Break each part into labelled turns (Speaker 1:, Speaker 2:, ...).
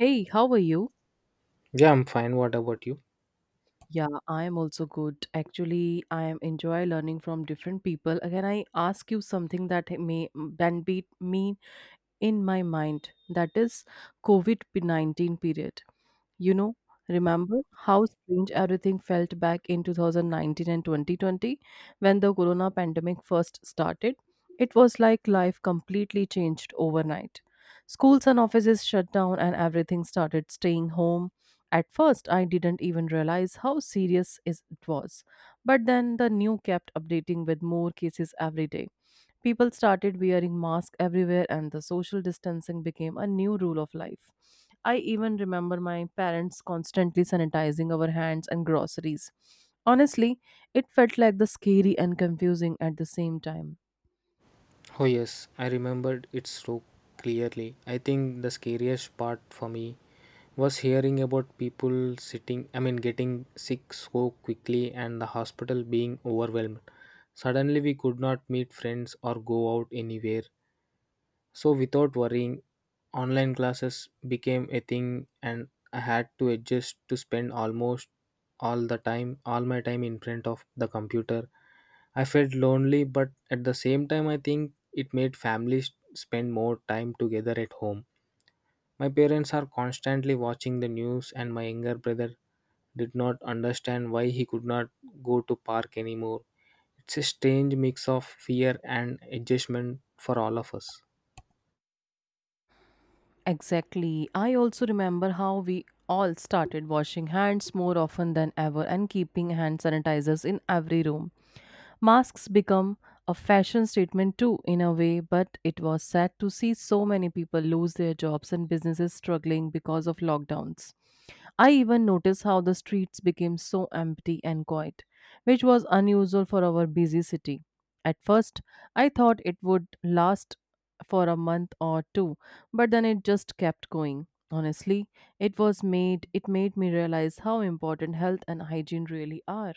Speaker 1: Hey, how are you?
Speaker 2: Yeah, I'm fine. What about you?
Speaker 1: Yeah, I am also good. Actually, I am enjoy learning from different people. Can I ask you something that may then beat me in my mind? That is COVID-19 period. You know, remember how strange everything felt back in 2019 and 2020 when the corona pandemic first started? It was like life completely changed overnight. Schools and offices shut down and everything started staying home. At first, I didn't even realize how it was. But then the new kept updating with more cases every day. People started wearing masks everywhere, and the social distancing became a new rule of life. I even remember my parents constantly sanitizing our hands and groceries. Honestly, it felt like the scary and confusing at the same time.
Speaker 2: Oh, yes, I remembered it so clearly. I think the scariest part for me was hearing about people getting sick so quickly and the hospital being overwhelmed. Suddenly, we could not meet friends or go out anywhere. So, without worrying, online classes became a thing, and I had to adjust to spend almost all the time, all my time in front of the computer. I felt lonely, but at the same time, I think it made families spend more time together at home. My parents are constantly watching the news, and my younger brother did not understand why he could not go to park anymore. It's a strange mix of fear and adjustment for all of us.
Speaker 1: Exactly. I also remember how we all started washing hands more often than ever and keeping hand sanitizers in every room. Masks become a fashion statement too, in a way, but it was sad to see so many people lose their jobs and businesses struggling because of lockdowns. I even noticed how the streets became so empty and quiet, which was unusual for our busy city. At first, I thought it would last for a month or two, but then it just kept going. Honestly, it made me realize how important health and hygiene really are.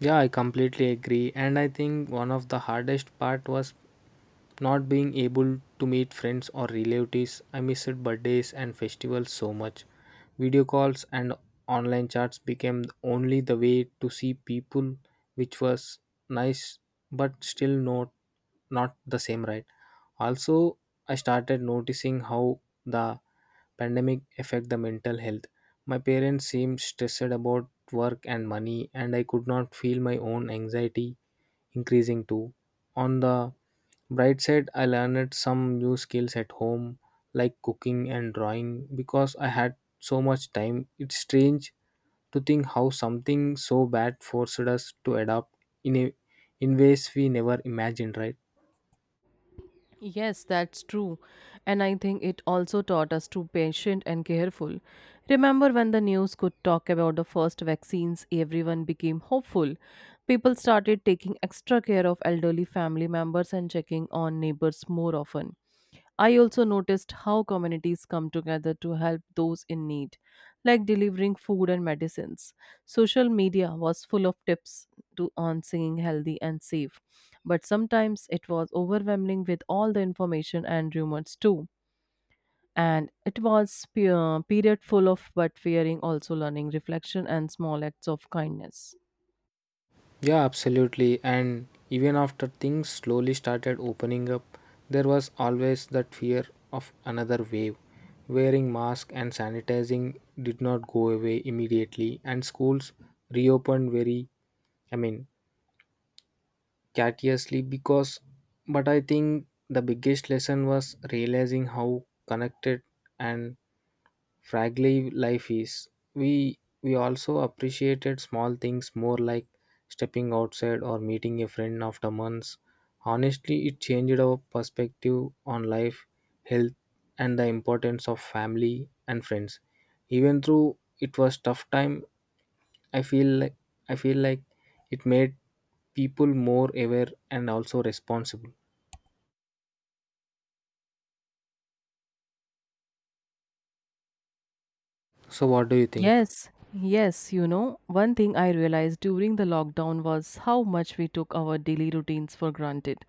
Speaker 2: Yeah, I completely agree. And I think one of the hardest part was not being able to meet friends or relatives. I missed birthdays and festivals so much. Video calls and online chats became only the way to see people, which was nice but still not the same, right? Also, I started noticing how the pandemic affect the mental health. My parents seemed stressed about work and money, and I could not feel my own anxiety increasing too. On the bright side, I learned some new skills at home, like cooking and drawing, because I had so much time. It's strange to think how something so bad forced us to adapt in a in ways we never imagined, right?
Speaker 1: Yes, that's true. And I think it also taught us to patient and careful. Remember when the news could talk about the first vaccines, everyone became hopeful. People started taking extra care of elderly family members and checking on neighbors more often. I also noticed how communities come together to help those in need, like delivering food and medicines. Social media was full of tips to on singing healthy and safe, but sometimes it was overwhelming with all the information and rumors too. And it was period full of but fearing, also learning reflection and small acts of kindness.
Speaker 2: Yeah, absolutely. And even after things slowly started opening up, there was always that fear of another wave. Wearing masks and sanitizing did not go away immediately, and schools reopened I mean, courteously because. But I think the biggest lesson was realizing how connected and fragile life is. We we also appreciated small things more, like stepping outside or meeting a friend after months. Honestly, it changed our perspective on life, health, and the importance of family and friends. Even though it was tough time, i feel like I feel like it made people more aware and also responsible. So what do you think?
Speaker 1: Yes, yes, you know, one thing I realized during the lockdown was how much we took our daily routines for granted.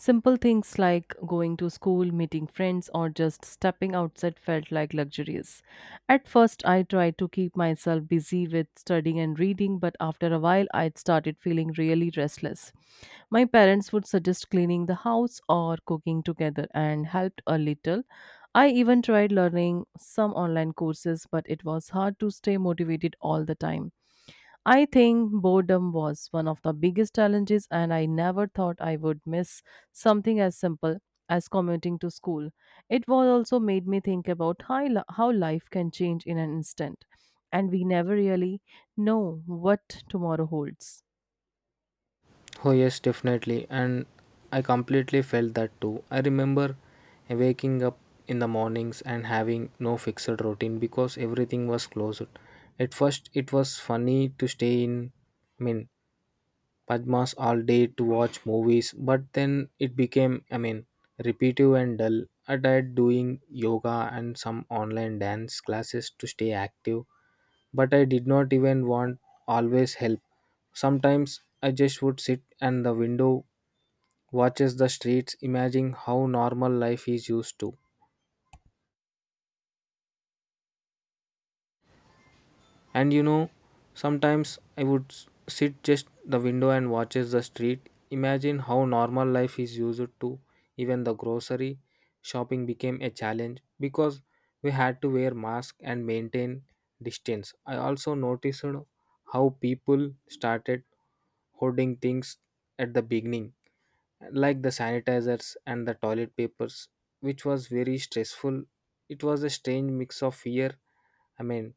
Speaker 1: Simple things like going to school, meeting friends, or just stepping outside felt like luxuries. At first, I tried to keep myself busy with studying and reading, but after a while, I started feeling really restless. My parents would suggest cleaning the house or cooking together and helped a little. I even tried learning some online courses, but it was hard to stay motivated all the time. I think boredom was one of the biggest challenges, and I never thought I would miss something as simple as commuting to school. It was also made me think about how life can change in an instant, and we never really know what tomorrow holds.
Speaker 2: Oh, yes, definitely. And I completely felt that too. I remember waking up in the mornings and having no fixed routine because everything was closed. At first, it was funny to stay in, I mean, Padmas all day to watch movies, but then it became repetitive and dull. I tried doing yoga and some online dance classes to stay active, but I did not even want always help. Sometimes I just would sit and the window watches the streets, imagining how normal life is used to. And you know, sometimes I would sit just the window and watches the street, imagine how normal life is used to. Even the grocery shopping became a challenge because we had to wear mask and maintain distance. I also noticed how people started hoarding things at the beginning, like the sanitizers and the toilet papers, which was very stressful. It was a strange mix of I mean,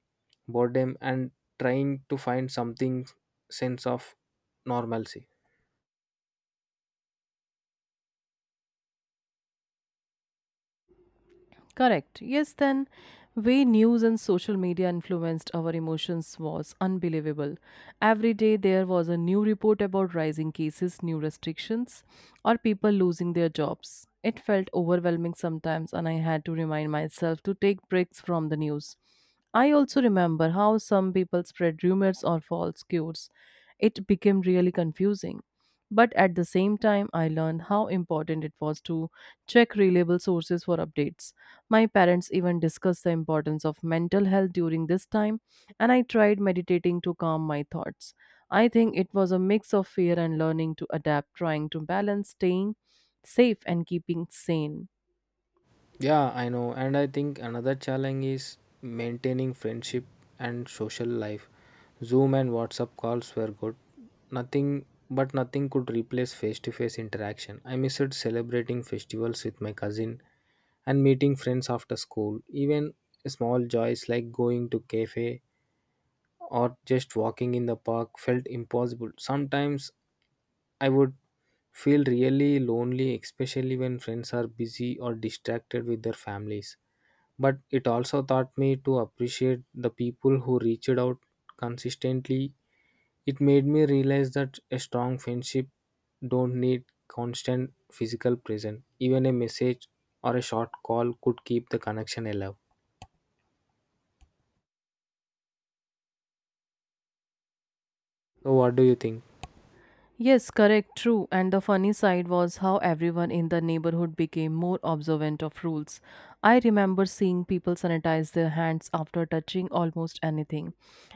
Speaker 2: boredom, and trying to find something sense of normalcy.
Speaker 1: Correct. Yes, then way news and social media influenced our emotions was unbelievable. Every day there was a new report about rising cases, new restrictions, or people losing their jobs. It felt overwhelming sometimes, and I had to remind myself to take breaks from the news. I also remember how some people spread rumors or false cures. It became really confusing. But at the same time, I learned how important it was to check reliable sources for updates. My parents even discussed the importance of mental health during this time, and I tried meditating to calm my thoughts. I think it was a mix of fear and learning to adapt, trying to balance staying safe and keeping sane.
Speaker 2: Yeah, I know, and I think another challenge is maintaining friendship and social life. Zoom and WhatsApp calls were good, nothing nothing could replace face to face interaction. I missed celebrating festivals with my cousin and meeting friends after school. Even small joys like going to cafe or just walking in the park felt impossible. Sometimes I would feel really lonely, especially when friends are busy or distracted with their families, but it also taught me to appreciate the people who reached out consistently. It made me realize that a strong friendship don't need constant physical presence. Even a message or a short call could keep the connection alive. So what do you think?
Speaker 1: Yes, correct, true. And the funny side was how everyone in the neighborhood became more observant of rules. I remember seeing people sanitize their hands after touching almost anything,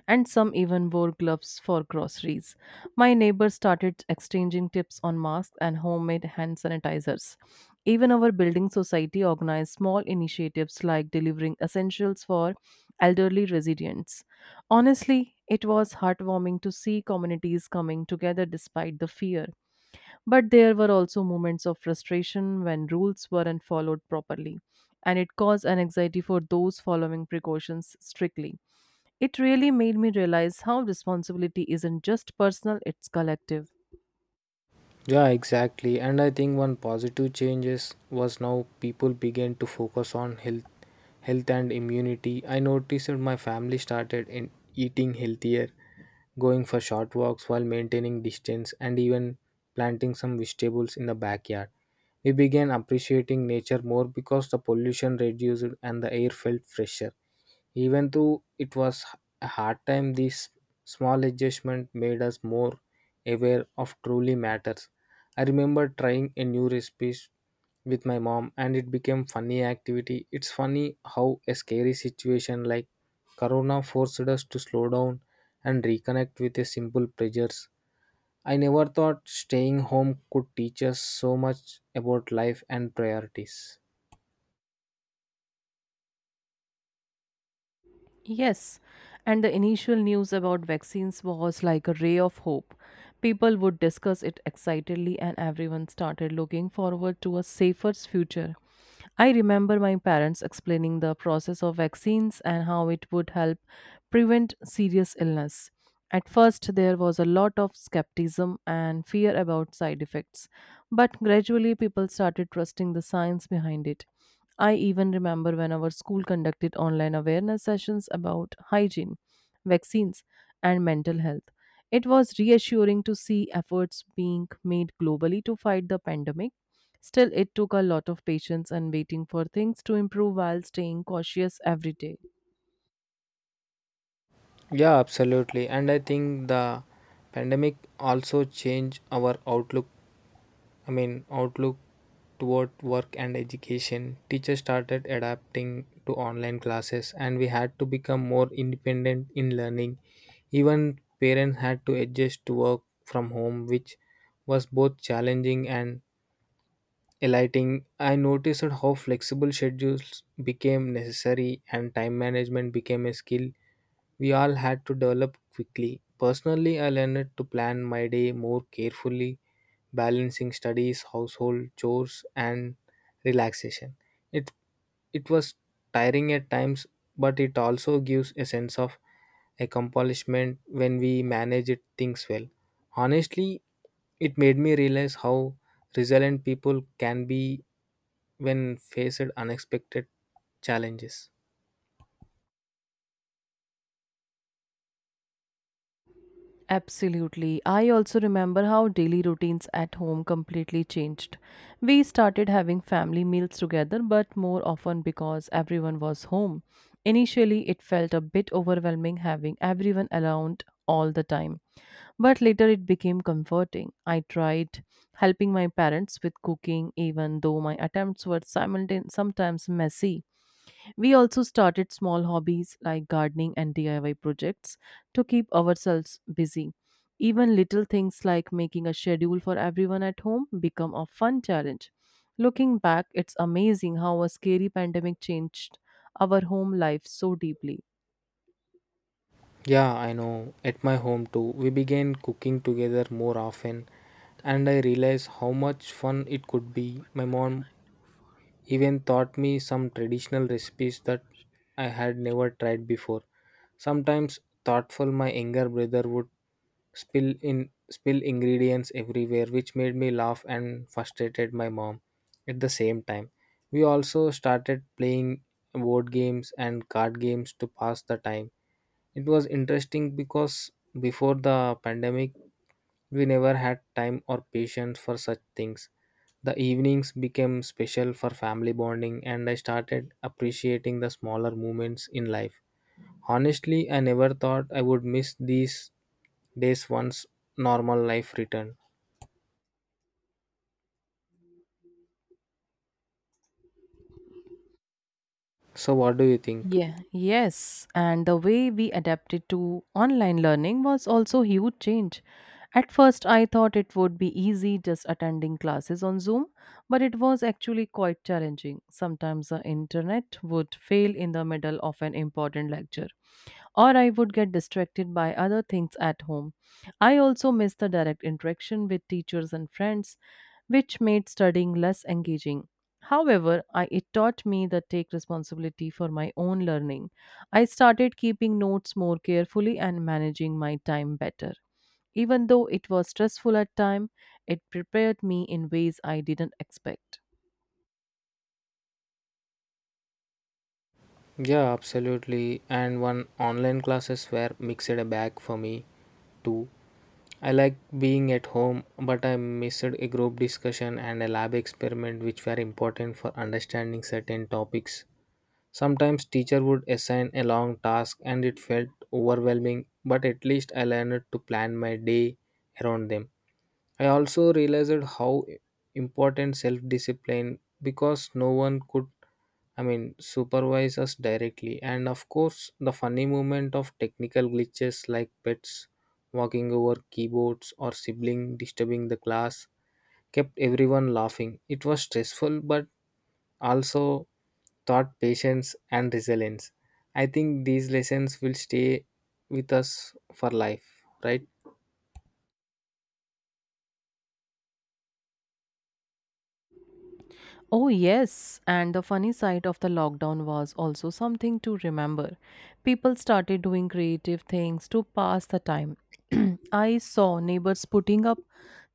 Speaker 1: and some even wore gloves for groceries. My neighbors started exchanging tips on masks and homemade hand sanitizers. Even our building society organized small initiatives like delivering essentials for elderly residents. Honestly, it was heartwarming to see communities coming together despite the fear. But there were also moments of frustration when rules weren't followed properly, and it caused an anxiety for those following precautions strictly. It really made me realize how responsibility isn't just personal, it's collective.
Speaker 2: Yeah, exactly. And I think one positive changes was now people began to focus on health and immunity. I noticed that my family started in eating healthier, going for short walks while maintaining distance, and even planting some vegetables in the backyard. We began appreciating nature more because the pollution reduced and the air felt fresher. Even though it was a hard time, this small adjustment made us more aware of truly matters. I remember trying a new recipe with my mom and it became funny activity. It's funny how a scary situation like corona forced us to slow down and reconnect with a simple pleasures. I never thought staying home could teach us so much about life and priorities.
Speaker 1: Yes, and the initial news about vaccines was like a ray of hope. People would discuss it excitedly, and everyone started looking forward to a safer future. I remember my parents explaining the process of vaccines and how it would help prevent serious illness. At first, there was a lot of skepticism and fear about side effects, but gradually people started trusting the science behind it. I even remember when our school conducted online awareness sessions about hygiene, vaccines, and mental health. It was reassuring to see efforts being made globally to fight the pandemic. Still, it took a lot of patience and waiting for things to improve while staying cautious every day.
Speaker 2: Yeah, absolutely. And I think the pandemic also changed our outlook toward work and education. Teachers started adapting to online classes, and we had to become more independent in learning. Even parents had to adjust to work from home, which was both challenging and enlightening. I noticed how flexible schedules became necessary and time management became a skill we all had to develop quickly. Personally, I learned to plan my day more carefully, balancing studies, household chores, and relaxation. It it was tiring at times, but it also gives a sense of accomplishment when we manage it things well. Honestly, it made me realize how resilient people can be when faced unexpected challenges.
Speaker 1: Absolutely. I also remember how daily routines at home completely changed. We started having family meals together, but more often because everyone was home. Initially, it felt a bit overwhelming having everyone around all the time, but later it became comforting. I tried helping my parents with cooking, even though my attempts were sometimes messy. We also started small hobbies like gardening and DIY projects to keep ourselves busy. Even little things like making a schedule for everyone at home become a fun challenge. Looking back, it's amazing how a scary pandemic changed our home life so deeply.
Speaker 2: Yeah, I know. At my home too, we began cooking together more often, and I realized how much fun it could be. My mom even taught me some traditional recipes that I had never tried before. Sometimes thoughtful my younger brother would spill ingredients everywhere, which made me laugh and frustrated my mom at the same time. We also started playing board games and card games to pass the time. It was interesting because before the pandemic we never had time or patience for such things. The evenings became special for family bonding, and I started appreciating the smaller moments in life. Honestly, I never thought I would miss these days once normal life returned. So, what do you think?
Speaker 1: Yeah, yes. And the way we adapted to online learning was also huge change. At first, I thought it would be easy just attending classes on Zoom, but it was actually quite challenging. Sometimes the internet would fail in the middle of an important lecture, or I would get distracted by other things at home. I also miss the direct interaction with teachers and friends, which made studying less engaging. However, it taught me that take responsibility for my own learning. I started keeping notes more carefully and managing my time better. Even though it was stressful at time, it prepared me in ways I didn't expect.
Speaker 2: Yeah, absolutely. And one online classes were mixed a bag for me too. I like being at home, but I missed a group discussion and a lab experiment which were important for understanding certain topics. Sometimes teacher would assign a long task and it felt overwhelming, but at least I learned to plan my day around them. I also realized how important self discipline because no one could, I mean, supervise us directly. And of course the funny moment of technical glitches like pets walking over keyboards or sibling disturbing the class kept everyone laughing. It was stressful but also taught patience and resilience. I think these lessons will stay with us for life, right?
Speaker 1: Oh, yes. And the funny side of the lockdown was also something to remember. People started doing creative things to pass the time. I saw neighbors putting up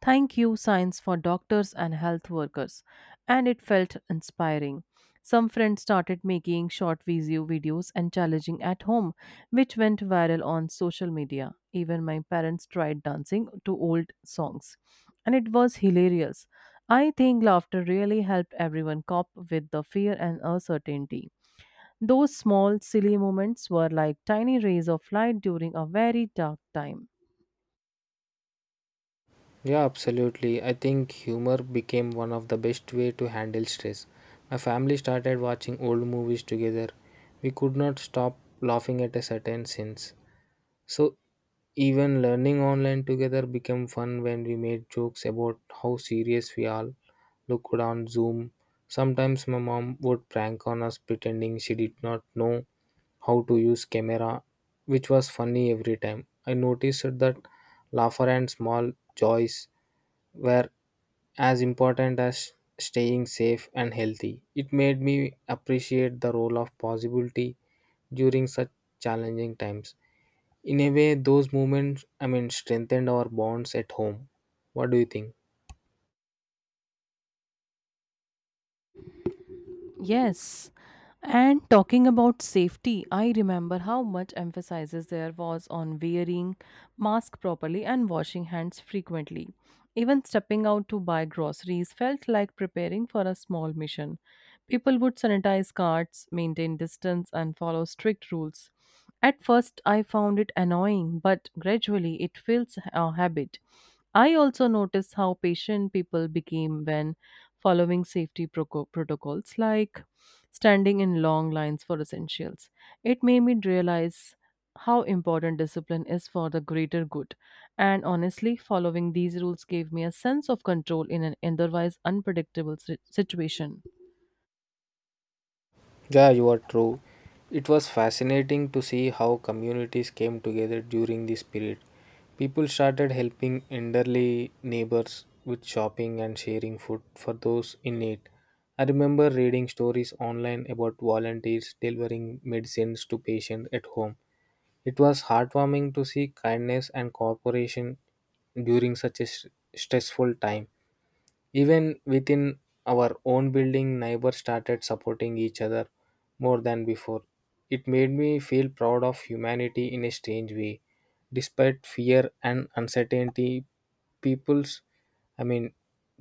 Speaker 1: thank you signs for doctors and health workers, and it felt inspiring. Some friends started making short videos and challenging at home, which went viral on social media. Even my parents tried dancing to old songs, and it was hilarious. I think laughter really helped everyone cope with the fear and uncertainty. Those small, silly moments were like tiny rays of light during a very dark time.
Speaker 2: Yeah, absolutely. I think humor became one of the best way to handle stress. My family started watching old movies together. We could not stop laughing at a certain scenes. So even learning online together became fun when we made jokes about how serious we all looked on Zoom. Sometimes my mom would prank on us pretending she did not know how to use camera, which was funny every time. I noticed that laughter and small joys were as important as staying safe and healthy. It made me appreciate the role of possibility during such challenging times. In a way, those strengthened our bonds at home. What do you think?
Speaker 1: Yes. And talking about safety, I remember how much emphasis there was on wearing mask properly and washing hands frequently. Even stepping out to buy groceries felt like preparing for a small mission. People would sanitize carts, maintain distance, and follow strict rules. At first, I found it annoying, but gradually it feels a habit. I also noticed how patient people became when following safety protocols like standing in long lines for essentials. It made me realize how important discipline is for the greater good. And honestly, following these rules gave me a sense of control in an otherwise unpredictable situation.
Speaker 2: Yeah, you are true. It was fascinating to see how communities came together during this period. People started helping elderly neighbors with shopping and sharing food for those in need. I remember reading stories online about volunteers delivering medicines to patients at home. It was heartwarming to see kindness and cooperation during such a stressful time. Even within our own building, neighbors started supporting each other more than before. It made me feel proud of humanity in a strange way. Despite fear and uncertainty, people's, I mean,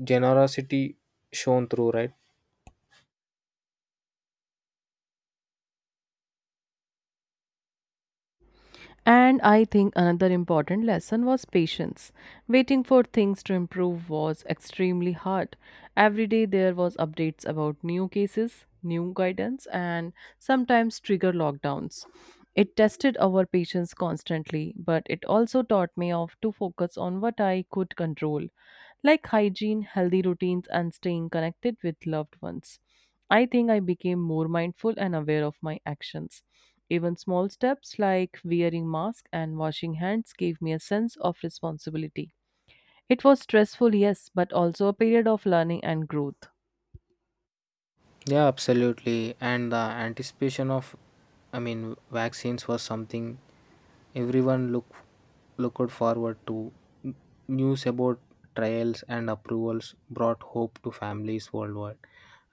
Speaker 2: generosity shone through, right?
Speaker 1: And I think another important lesson was patience. Waiting for things to improve was extremely hard. Every day there was updates about new cases, new guidance and sometimes trigger lockdowns. It tested our patience constantly, but it also taught me of to focus on what I could control, like hygiene, healthy routines and staying connected with loved ones. I think I became more mindful and aware of my actions. Even small steps like wearing mask and washing hands gave me a sense of responsibility. It was stressful, yes, but also a period of learning and growth.
Speaker 2: Yeah, absolutely. And the anticipation of vaccines was something everyone looked forward to. N- News about trials and approvals brought hope to families worldwide.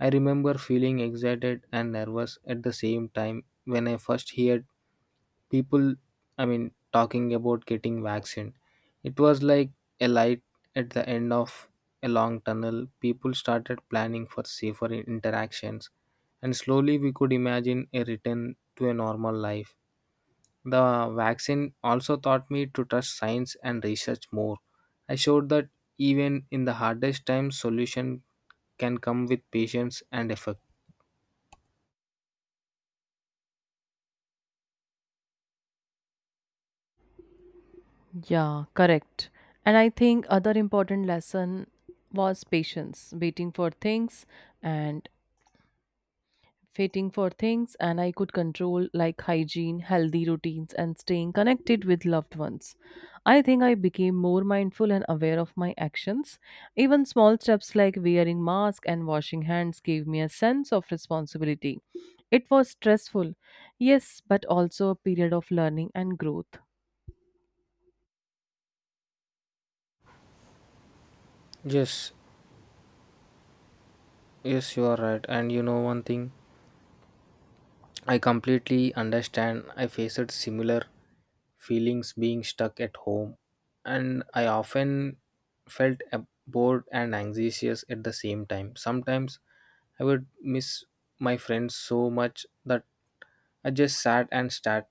Speaker 2: I remember feeling excited and nervous at the same time when I first heard people i mean talking about getting vaccine. It was like a light at the end of a long tunnel. People started planning for safer interactions, and slowly we could imagine a return to a normal life. The vaccine also taught me to trust science and research more. I showed that even in the hardest times solution can come with patience and effort.
Speaker 1: Yeah, correct. And I think other important lesson was patience, waiting for things and fighting for things and I could control, like hygiene, healthy routines, and staying connected with loved ones. I think I became more mindful and aware of my actions. Even small steps like wearing mask and washing hands gave me a sense of responsibility. It was stressful, yes, but also a period of learning and growth.
Speaker 2: Yes yes, you are right, and you know one thing I completely understand. I faced similar feelings being stuck at home, and I often felt bored and anxious at the same time. Sometimes I would miss my friends so much that I just sat and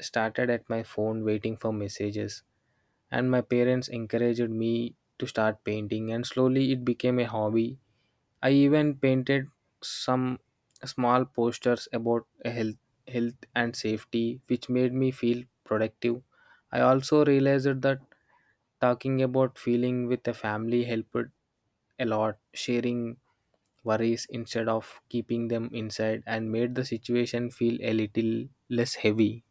Speaker 2: started at my phone waiting for messages. And my parents encouraged me to start painting, and slowly it became a hobby. I even painted some small posters about health and safety, which made me feel productive. I also realized that talking about feeling with a family helped a lot, sharing worries instead of keeping them inside and made the situation feel a little less heavy.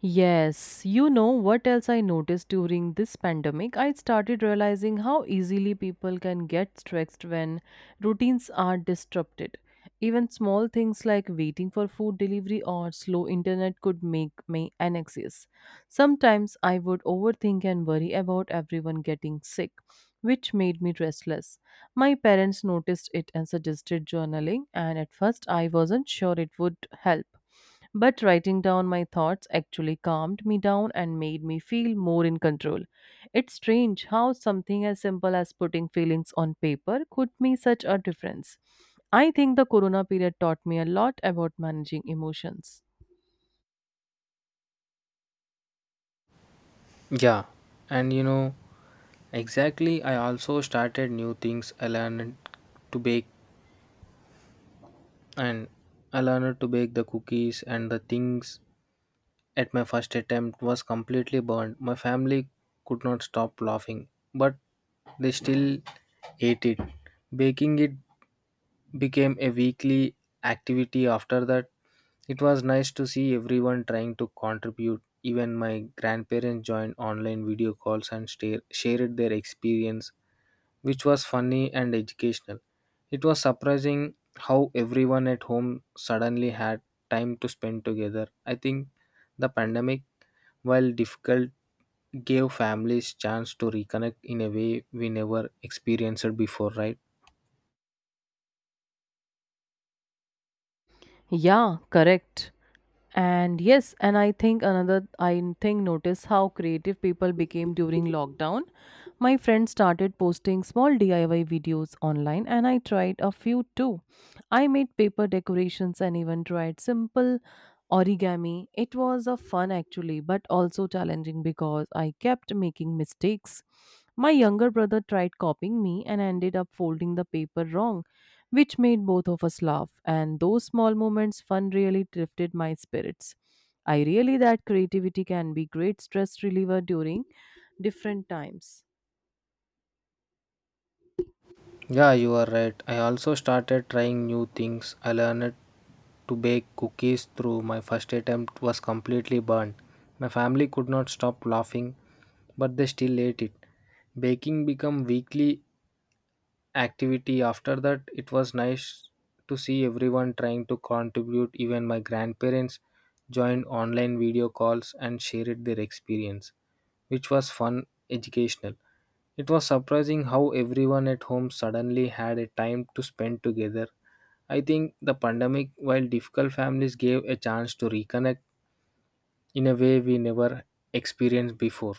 Speaker 1: Yes, you know what else I noticed during this pandemic? I started realizing how easily people can get stressed when routines are disrupted. Even small things like waiting for food delivery or slow internet could make me anxious. Sometimes I would overthink and worry about everyone getting sick, which made me restless. My parents noticed it and suggested journaling, and at first I wasn't sure it would help but writing down my thoughts actually calmed me down and made me feel more in control. It's strange how something as simple as putting feelings on paper could make such a difference. I think the corona period taught me a lot about managing emotions.
Speaker 2: Yeah, and you know, exactly, I also started new things. I learned to bake and I learned to bake the cookies and the things at my first attempt was completely burned. My family could not stop laughing, but they still ate it. Baking it became a weekly activity after that. It was nice to see everyone trying to contribute. Even my grandparents joined online video calls and shared their experience, which was funny and educational. It was surprising how everyone at home suddenly had time to spend together. I think the pandemic, while difficult, gave families chance to reconnect in a way we never experienced it before, right?
Speaker 1: Yeah, correct. And I think another I think notice how creative people became during lockdown. My friend started posting small DIY videos online and I tried a few too. I made paper decorations and even tried simple origami. It was a fun actually, but also challenging because I kept making mistakes. My younger brother tried copying me and ended up folding the paper wrong which made both of us laugh. And those small moments, fun really lifted my spirits. I really that creativity can be great stress reliever during different times.
Speaker 2: Yeah, you are right. I also started trying new things. I learned to bake cookies through my first attempt was completely burned. My family could not stop laughing, but they still ate it. Baking became weekly activity after that. It was nice to see everyone trying to contribute. Even my grandparents joined online video calls and shared their experience, which was fun educational. It was surprising how everyone at home suddenly had a time to spend together. I think the pandemic, while difficult, families gave a chance to reconnect in a way we never experienced before.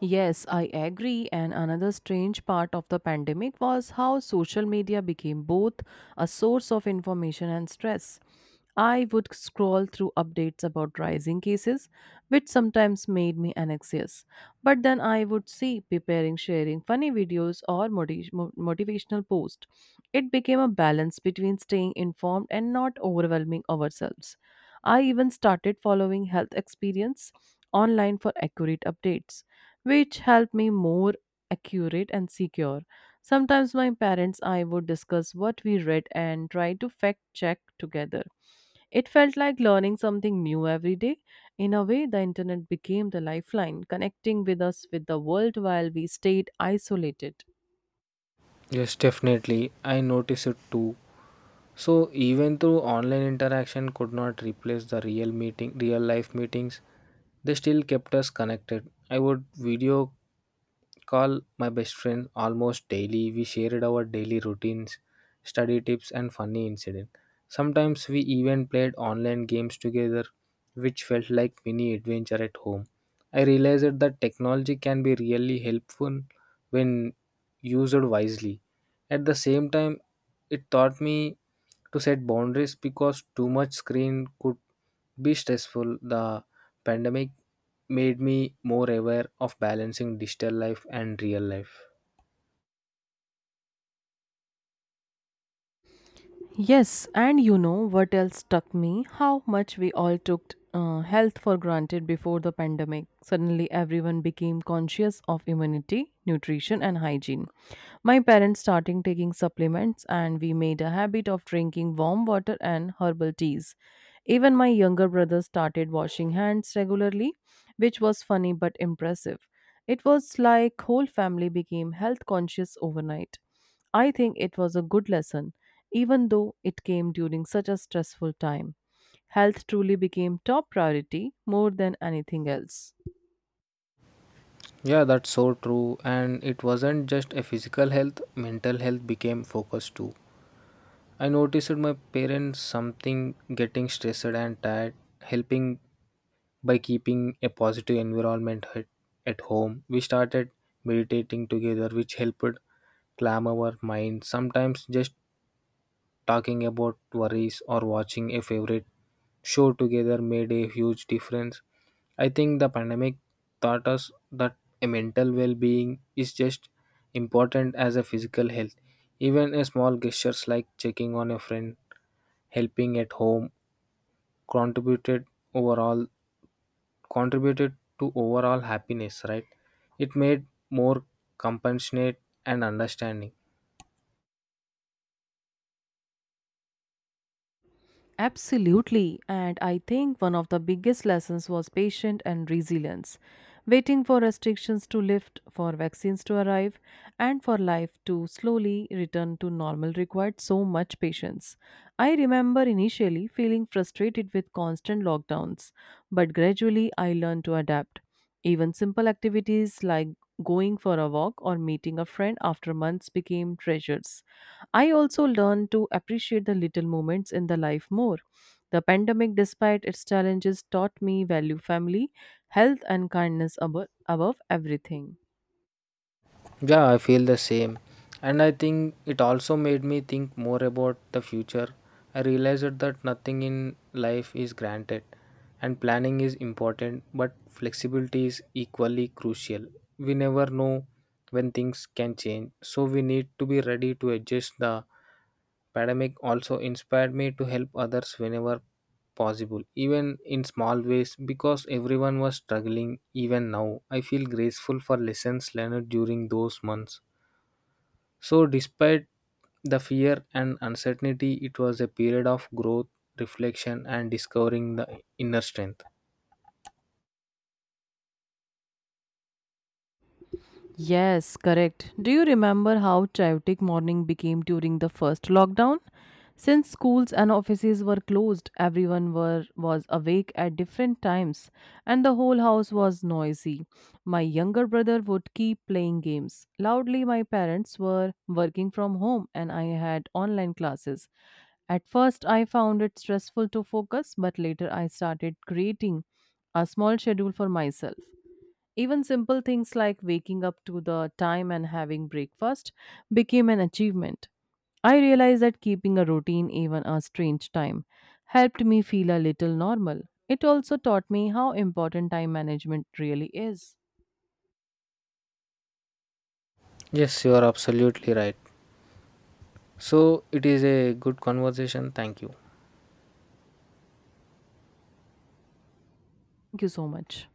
Speaker 1: Yes, I agree. And another strange part of the pandemic was how social media became both a source of information and stress. I would scroll through updates about rising cases, which sometimes made me anxious. But then I would see preparing, sharing funny videos or motivational posts. It became a balance between staying informed and not overwhelming ourselves. I even started following health experience online for accurate updates which helped me more accurate and secure. Sometimes my parents I would discuss what we read and try to fact check together. It felt like learning something new every day. In a way, the internet became the lifeline, connecting with us with the world while we stayed isolated.
Speaker 2: Yes, definitely, I noticed it too. So even though online interaction could not replace the real meeting, real life meetings, they still kept us connected. I would video call my best friend almost daily. We shared our daily routines, study tips, and funny incidents. Sometimes we even played online games together, which felt like mini adventure at home. I realized that technology can be really helpful when used wisely. At the same time, it taught me to set boundaries because too much screen could be stressful. The pandemic made me more aware of balancing digital life and real life.
Speaker 1: Yes, and you know what else struck me? How much we all took health for granted before the pandemic. Suddenly, everyone became conscious of immunity, nutrition, and hygiene. My parents started taking supplements, and we made a habit of drinking warm water and herbal teas. Even my younger brother started washing hands regularly, which was funny but impressive. It was like whole family became health conscious overnight. I think it was a good lesson even though it came during such a stressful time, health truly became top priority more than anything else.
Speaker 2: Yeah, that's so true. And it wasn't just a physical health, mental health became focused too. I noticed my parents something getting stressed and tired, helping by keeping a positive environment at home. We started meditating together, which helped calm our mind. Sometimes just talking about worries or watching a favorite show together made a huge difference. I think the pandemic taught us that a mental well being is just important as a physical health. Even a small gestures like checking on a friend, helping at home contributed overall contributed to overall happiness, right? It made more compassionate and understanding.
Speaker 1: Absolutely, and I think one of the biggest lessons was patience and resilience. Waiting for restrictions to lift, for vaccines to arrive, and for life to slowly return to normal required so much patience. I remember initially feeling frustrated with constant lockdowns, but gradually I learned to adapt. Even simple activities like going for a walk or meeting a friend after months became treasures. I also learned to appreciate the little moments in the life more. The pandemic, despite its challenges, taught me value family, health, and kindness above everything.
Speaker 2: Yeah, I feel the same. And I think it also made me think more about the future. I realized that nothing in life is granted, and planning is important, but flexibility is equally crucial. We never know when things can change, so we need to be ready to adjust. The pandemic also inspired me to help others whenever possible, even in small ways, because everyone was struggling. Even now, I feel grateful for lessons learned during those months. So despite the fear and uncertainty, it was a period of growth, reflection, and discovering the inner strength.
Speaker 1: Yes, correct. Do you remember how chaotic morning became during the first lockdown? Since schools and offices were closed, was awake at different times and the whole house was noisy. My younger brother would keep playing games. Loudly, my parents were working from home and I had online classes. At first, I found it stressful to focus, but later I started creating a small schedule for myself. Even simple things like waking up to the time and having breakfast became an achievement. I realized that keeping a routine, even a strange time, helped me feel a little normal. It also taught me how important time management really is.
Speaker 2: Yes, you are absolutely right. So it is a good conversation, thank you.
Speaker 1: Thank you so much.